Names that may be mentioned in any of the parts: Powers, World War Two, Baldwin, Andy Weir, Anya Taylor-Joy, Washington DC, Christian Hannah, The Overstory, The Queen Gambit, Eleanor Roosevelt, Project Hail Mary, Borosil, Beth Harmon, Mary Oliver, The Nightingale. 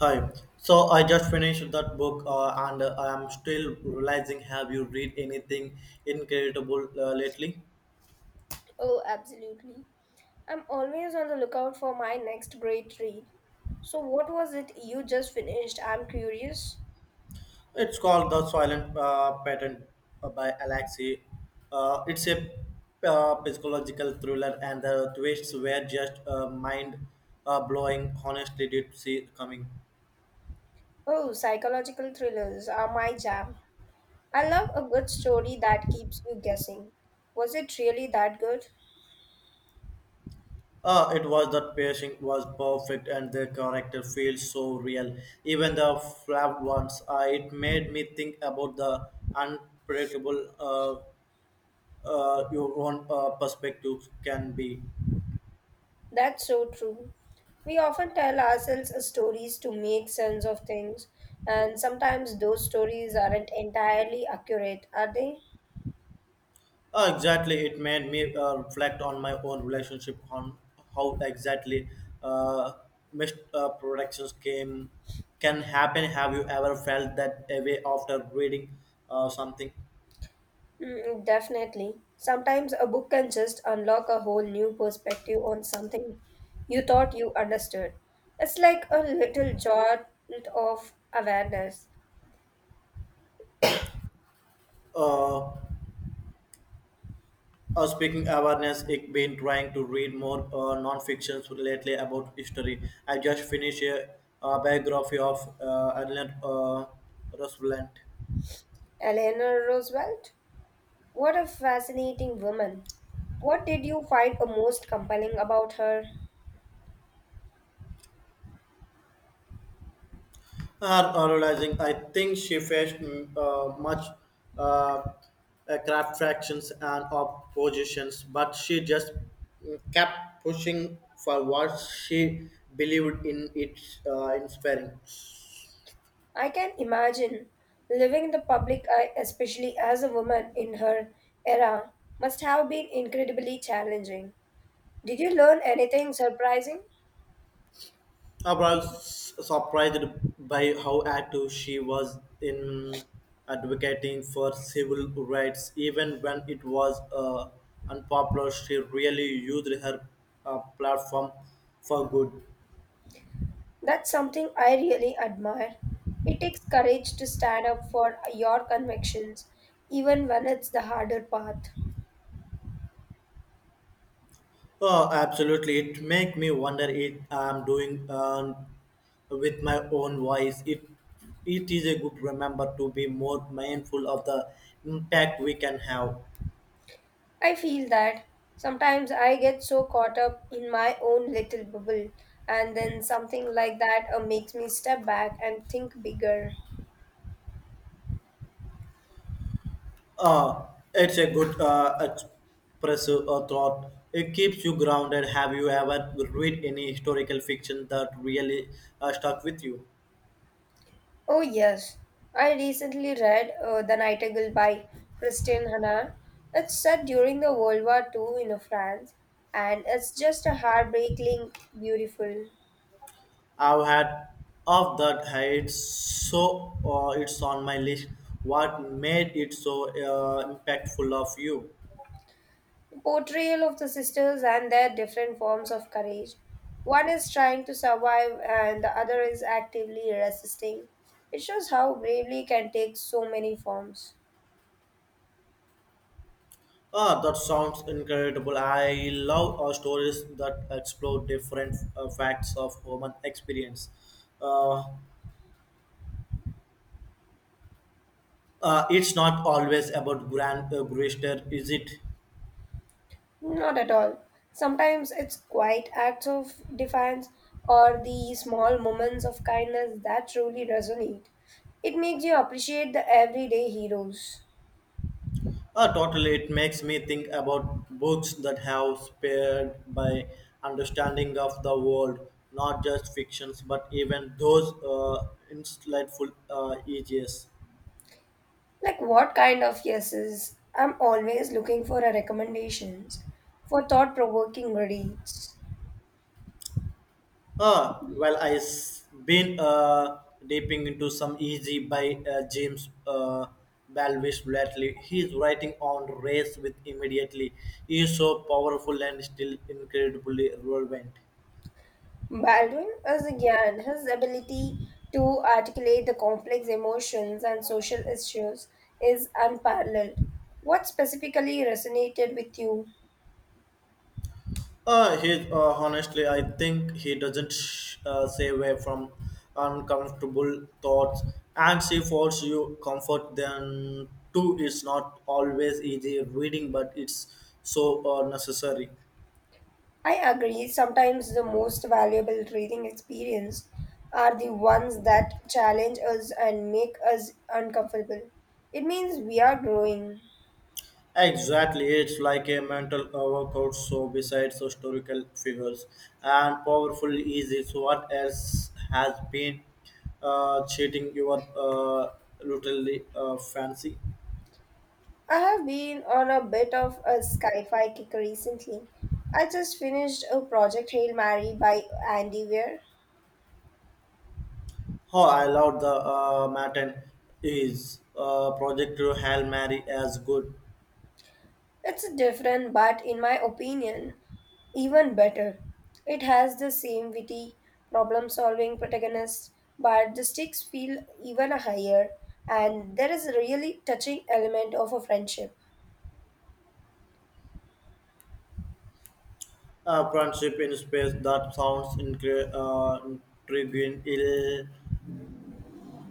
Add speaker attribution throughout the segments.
Speaker 1: Hi. So I just finished that book, and I'm still realizing. Have you read anything incredible lately?
Speaker 2: Oh, absolutely. I'm always on the lookout for my next great read. So, what was it you just finished? I'm curious.
Speaker 1: It's called The Silent Pattern by Alexei. It's a psychological thriller, and the twists were just mind blowing. Honestly, did see coming.
Speaker 2: Oh, psychological thrillers are my jam. I love a good story that keeps you guessing. Was it really that good?
Speaker 1: Ah, it was that pacing was perfect and the character feels so real. Even the flapped ones, it made me think about the unpredictable your own perspectives can be.
Speaker 2: That's so true. We often tell ourselves stories to make sense of things, and sometimes those stories aren't entirely accurate, are they?
Speaker 1: Ah, exactly, it made me reflect on my own relationship on how exactly uh, missed productions came can happen. Have you ever felt that way after reading something?
Speaker 2: Mm, definitely. Sometimes a book can just unlock a whole new perspective on something you thought you understood. It's like a little jolt of awareness.
Speaker 1: Uh, Speaking awareness, I've been trying to read more non-fictions lately about history. I just finished a, biography of Adelaide Roosevelt.
Speaker 2: Eleanor Roosevelt? What a fascinating woman. What did you find a most compelling about her?
Speaker 1: Realizing I think she faced much uh, craft fractions and oppositions, but she just kept pushing for what she believed in. It's inspiring.
Speaker 2: I can imagine living in the public eye, especially as a woman in her era, must have been incredibly challenging. Did you learn anything surprising?
Speaker 1: I was surprised by how active she was in advocating for civil rights, even when it was unpopular. She really used her platform for good.
Speaker 2: That's something I really admire. It takes courage to stand up for your convictions, even when it's the harder path.
Speaker 1: Oh, absolutely! It make me wonder if I'm doing with my own voice. It is a good remember to be more mindful of the impact we can have.
Speaker 2: I feel that sometimes I get so caught up in my own little bubble, and then something like that makes me step back and think bigger.
Speaker 1: Uh, it's a good expressive thought. It keeps you grounded. Have you ever read any historical fiction that really stuck with you?
Speaker 2: Oh, yes, I recently read The Nightingale by Christian Hannah. It's set during the World War II in France, and it's just a heartbreaking beautiful
Speaker 1: I've had of that heights, so it's on my list. What made it so impactful of you?
Speaker 2: portrayal of the sisters and their different forms of courage. One is trying to survive, and the other is actively resisting. It shows how bravery can take so many forms.
Speaker 1: Ah, that sounds incredible. I love stories that explore different facts of human experience. Uh, it's not always about grand gesture, is it?
Speaker 2: Not at all. Sometimes it's quiet acts of defiance or the small moments of kindness that truly resonate. It makes you appreciate the everyday heroes.
Speaker 1: Totally, it makes me think about books that have spared by understanding of the world, not just fictions, but even those insightful essays.
Speaker 2: Like what kind of yeses? I'm always looking for a recommendations for thought provoking reads.
Speaker 1: Well, I've been dipping into some easy by James Balvis lately. He's writing on race with immediately. He is so powerful and still incredibly relevant.
Speaker 2: Baldwin is again his ability to articulate the complex emotions and social issues is unparalleled. What specifically resonated with you?
Speaker 1: He honestly, I think he doesn't stay away from uncomfortable thoughts, and she forces you comfort. Then too, it's not always easy reading, but it's so necessary.
Speaker 2: I agree, sometimes the most valuable reading experience are the ones that challenge us and make us uncomfortable. It means we are growing.
Speaker 1: Exactly, it's like a mental workout. So besides historical figures and powerful easy, so what else has been cheating your literally fancy?
Speaker 2: I have been on a bit of a sci-fi kick recently. I just finished a project Hail Mary by Andy Weir.
Speaker 1: Oh, I love the Martin is project to Hail Mary as good
Speaker 2: It's different, but in my opinion, even better. It has the same witty, problem solving protagonist, but the stakes feel even higher, and there is a really touching element of a friendship.
Speaker 1: friendship in space that sounds intriguing. It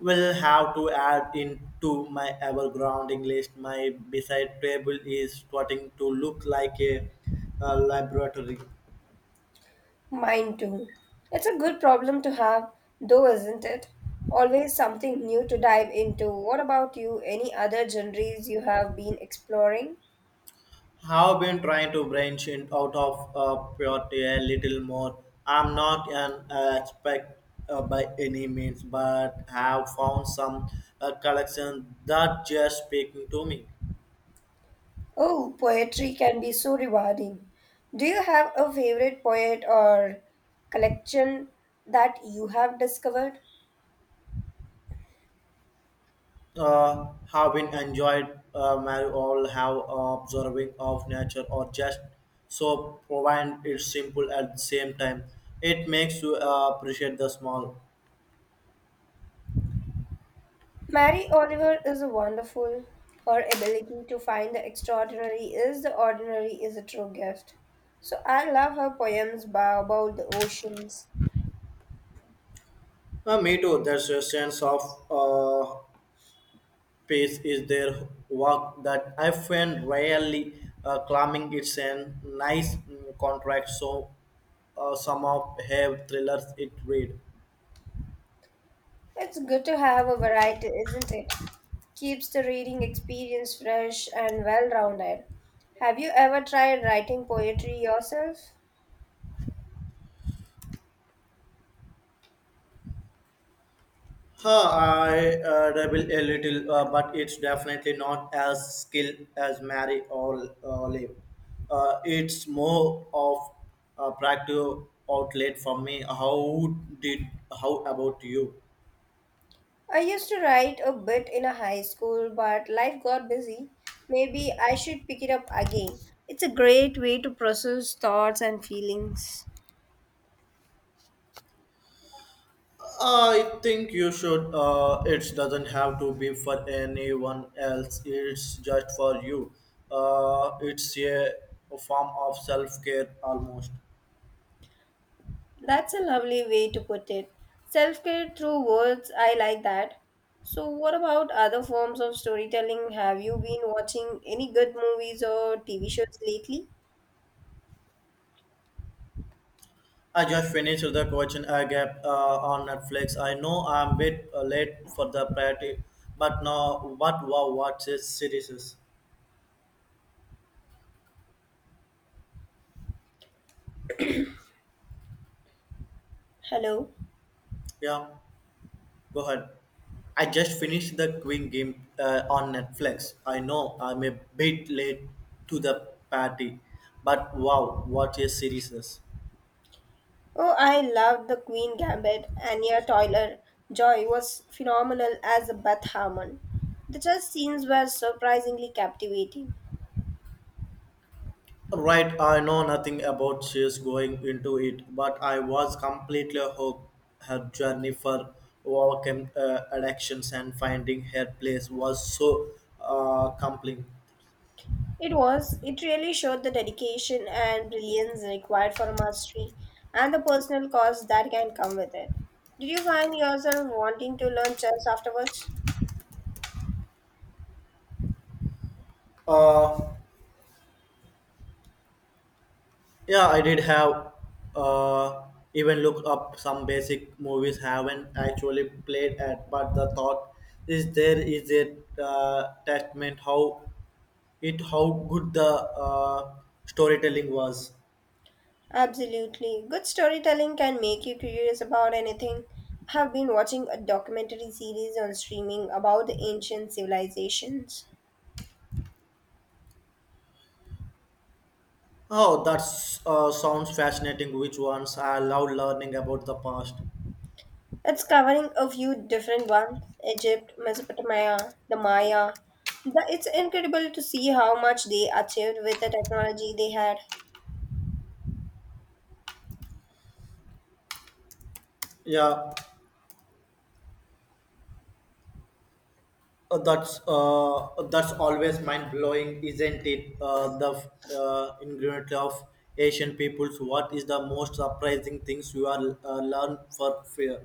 Speaker 1: will have to add into my ever grounding list. My beside table is starting to look like a laboratory.
Speaker 2: Mine too. It's a good problem to have, though, isn't it? Always something new to dive into. What about you? Any other genres you have been exploring?
Speaker 1: Have been trying to branch in out of purity a little more. I'm not an expert by any means, but have found some collection that just speaking to me.
Speaker 2: Oh, poetry can be so rewarding. Do you have a favorite poet or collection that you have discovered?
Speaker 1: Have been enjoyed my all have observing of nature or just so provide it simple at the same time. It makes you appreciate the small.
Speaker 2: Mary Oliver is wonderful. Her ability to find the extraordinary is the ordinary is a true gift. So I love her poems about the oceans.
Speaker 1: Me too. There's a sense of uh, pace is their work that I find rarely climbing. It's a nice contract, so some of have thrillers it read.
Speaker 2: It's good to have a variety, isn't it? Keeps the reading experience fresh and well rounded. Have you ever tried writing poetry yourself?
Speaker 1: Huh, I rebel a little, but it's definitely not as skilled as Mary or Liv. It's more of a practical outlet for me. Did how about you?
Speaker 2: I used to write a bit in a high school, but life got busy. Maybe I should pick it up again. It's a great way to process thoughts and feelings.
Speaker 1: I think you should. It doesn't have to be for anyone else. It's just for you. It's a form of self-care almost.
Speaker 2: That's a lovely way to put it. Self care through words, I like that. So, what about other forms of storytelling? Have you been watching any good movies or TV shows lately?
Speaker 1: I just finished the coaching I gap on Netflix. I know I'm a bit late for the party, but no, but wow, what is series? Is.
Speaker 2: Hello?
Speaker 1: Yeah. Go ahead. I just finished the Queen game on Netflix. I know I'm a bit late to the party, but wow, what a series is.
Speaker 2: Oh, I loved The Queen Gambit. Anya Taylor-Joy was phenomenal as Beth Harmon. The chess scenes were surprisingly captivating.
Speaker 1: Right, I know nothing about she's going into it, but I was completely hooked. Her journey for overcome addictions and finding her place was so compelling.
Speaker 2: It was. It really showed the dedication and brilliance required for mastery and the personal cost that can come with it. Did you find yourself wanting to learn chess afterwards?
Speaker 1: Uh, Yeah, I did have uh, even looked up some basic movies haven't actually played at, but the thought is there is a testament how it how good the uh, storytelling was.
Speaker 2: Absolutely. Good storytelling can make you curious about anything. I have been watching a documentary series on streaming about the ancient civilizations.
Speaker 1: Oh, that sounds fascinating. Which ones I love learning about the past.
Speaker 2: It's covering a few different ones: Egypt, Mesopotamia, the Maya. The, it's incredible to see how much they achieved with the technology they had.
Speaker 1: Yeah, that's always mind blowing, isn't it? The ingredient of Asian peoples. What is the most surprising things you are learn for fear?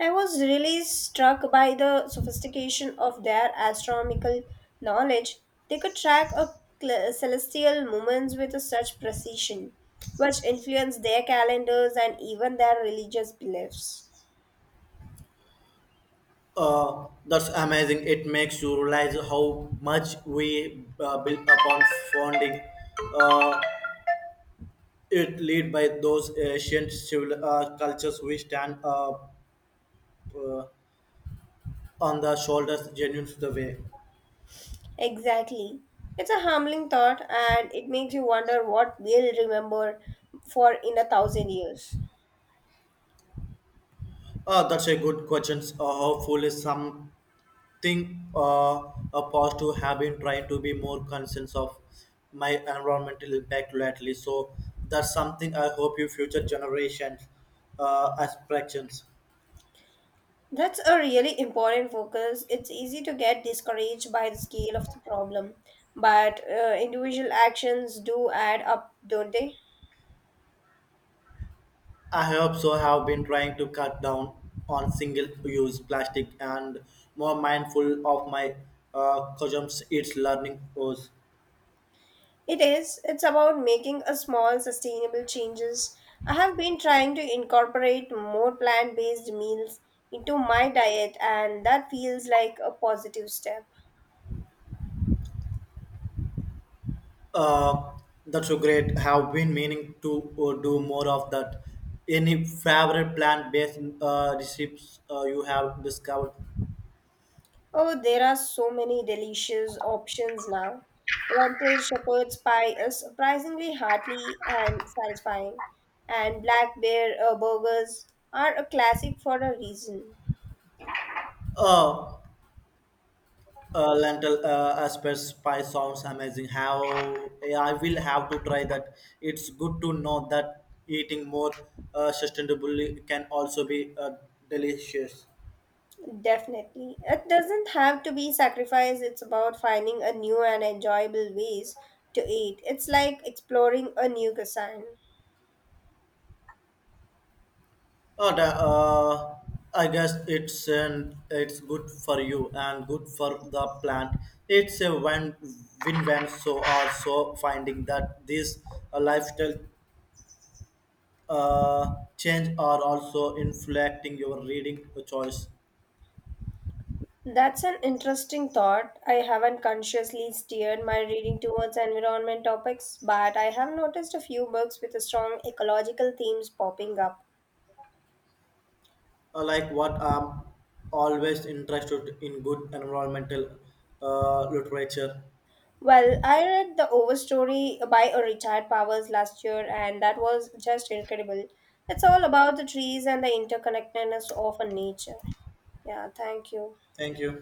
Speaker 2: I was really struck by the sophistication of their astronomical knowledge. They could track celestial movements with such precision, which influenced their calendars and even their religious beliefs.
Speaker 1: That's amazing. It makes you realize how much we built upon founding. Uh, it led by those ancient civil cultures we stand uh, on the shoulders genuine to the way.
Speaker 2: Exactly. It's a humbling thought and it makes you wonder what we'll remember for in 1,000 years.
Speaker 1: That's a good question. Hopefully, some think opposed to have been trying to be more conscious of my environmental impact lately. So that's something I hope you future generations aspirations.
Speaker 2: That's a really important focus. It's easy to get discouraged by the scale of the problem, but individual actions do add up, don't they?
Speaker 1: I also have been trying to cut down on single-use plastic and more mindful of my consumption. It's learning course.
Speaker 2: It is. It's about making a small sustainable changes. I have been trying to incorporate more plant-based meals into my diet and that feels like a positive step.
Speaker 1: Uh, that's so great. Have been meaning to do more of that. Any favorite plant-based recipes you have discovered?
Speaker 2: Oh, there are so many delicious options now. Lentil shepherd's pie is surprisingly hearty and satisfying, and black bear burgers are a classic for a reason.
Speaker 1: Uh, Lentil asparagus pie sounds amazing. How yeah, I will have to try that. It's good to know that eating more sustainably can also be delicious.
Speaker 2: Definitely. It doesn't have to be sacrifice. It's about finding a new and enjoyable ways to eat. It's like exploring a new cuisine.
Speaker 1: Oh, da, I guess it's an, it's good for you and good for the plant. It's a win win win. So also finding that these lifestyle change are also inflecting your reading choice.
Speaker 2: That's an interesting thought. I haven't consciously steered my reading towards environment topics, but I have noticed a few books with strong ecological themes popping up.
Speaker 1: Like what I'm always interested in good environmental literature.
Speaker 2: Well, I read The Overstory by a retired Powers last year, and that was just incredible. It's all about the trees and the interconnectedness of a nature. Yeah, thank you.
Speaker 1: Thank you.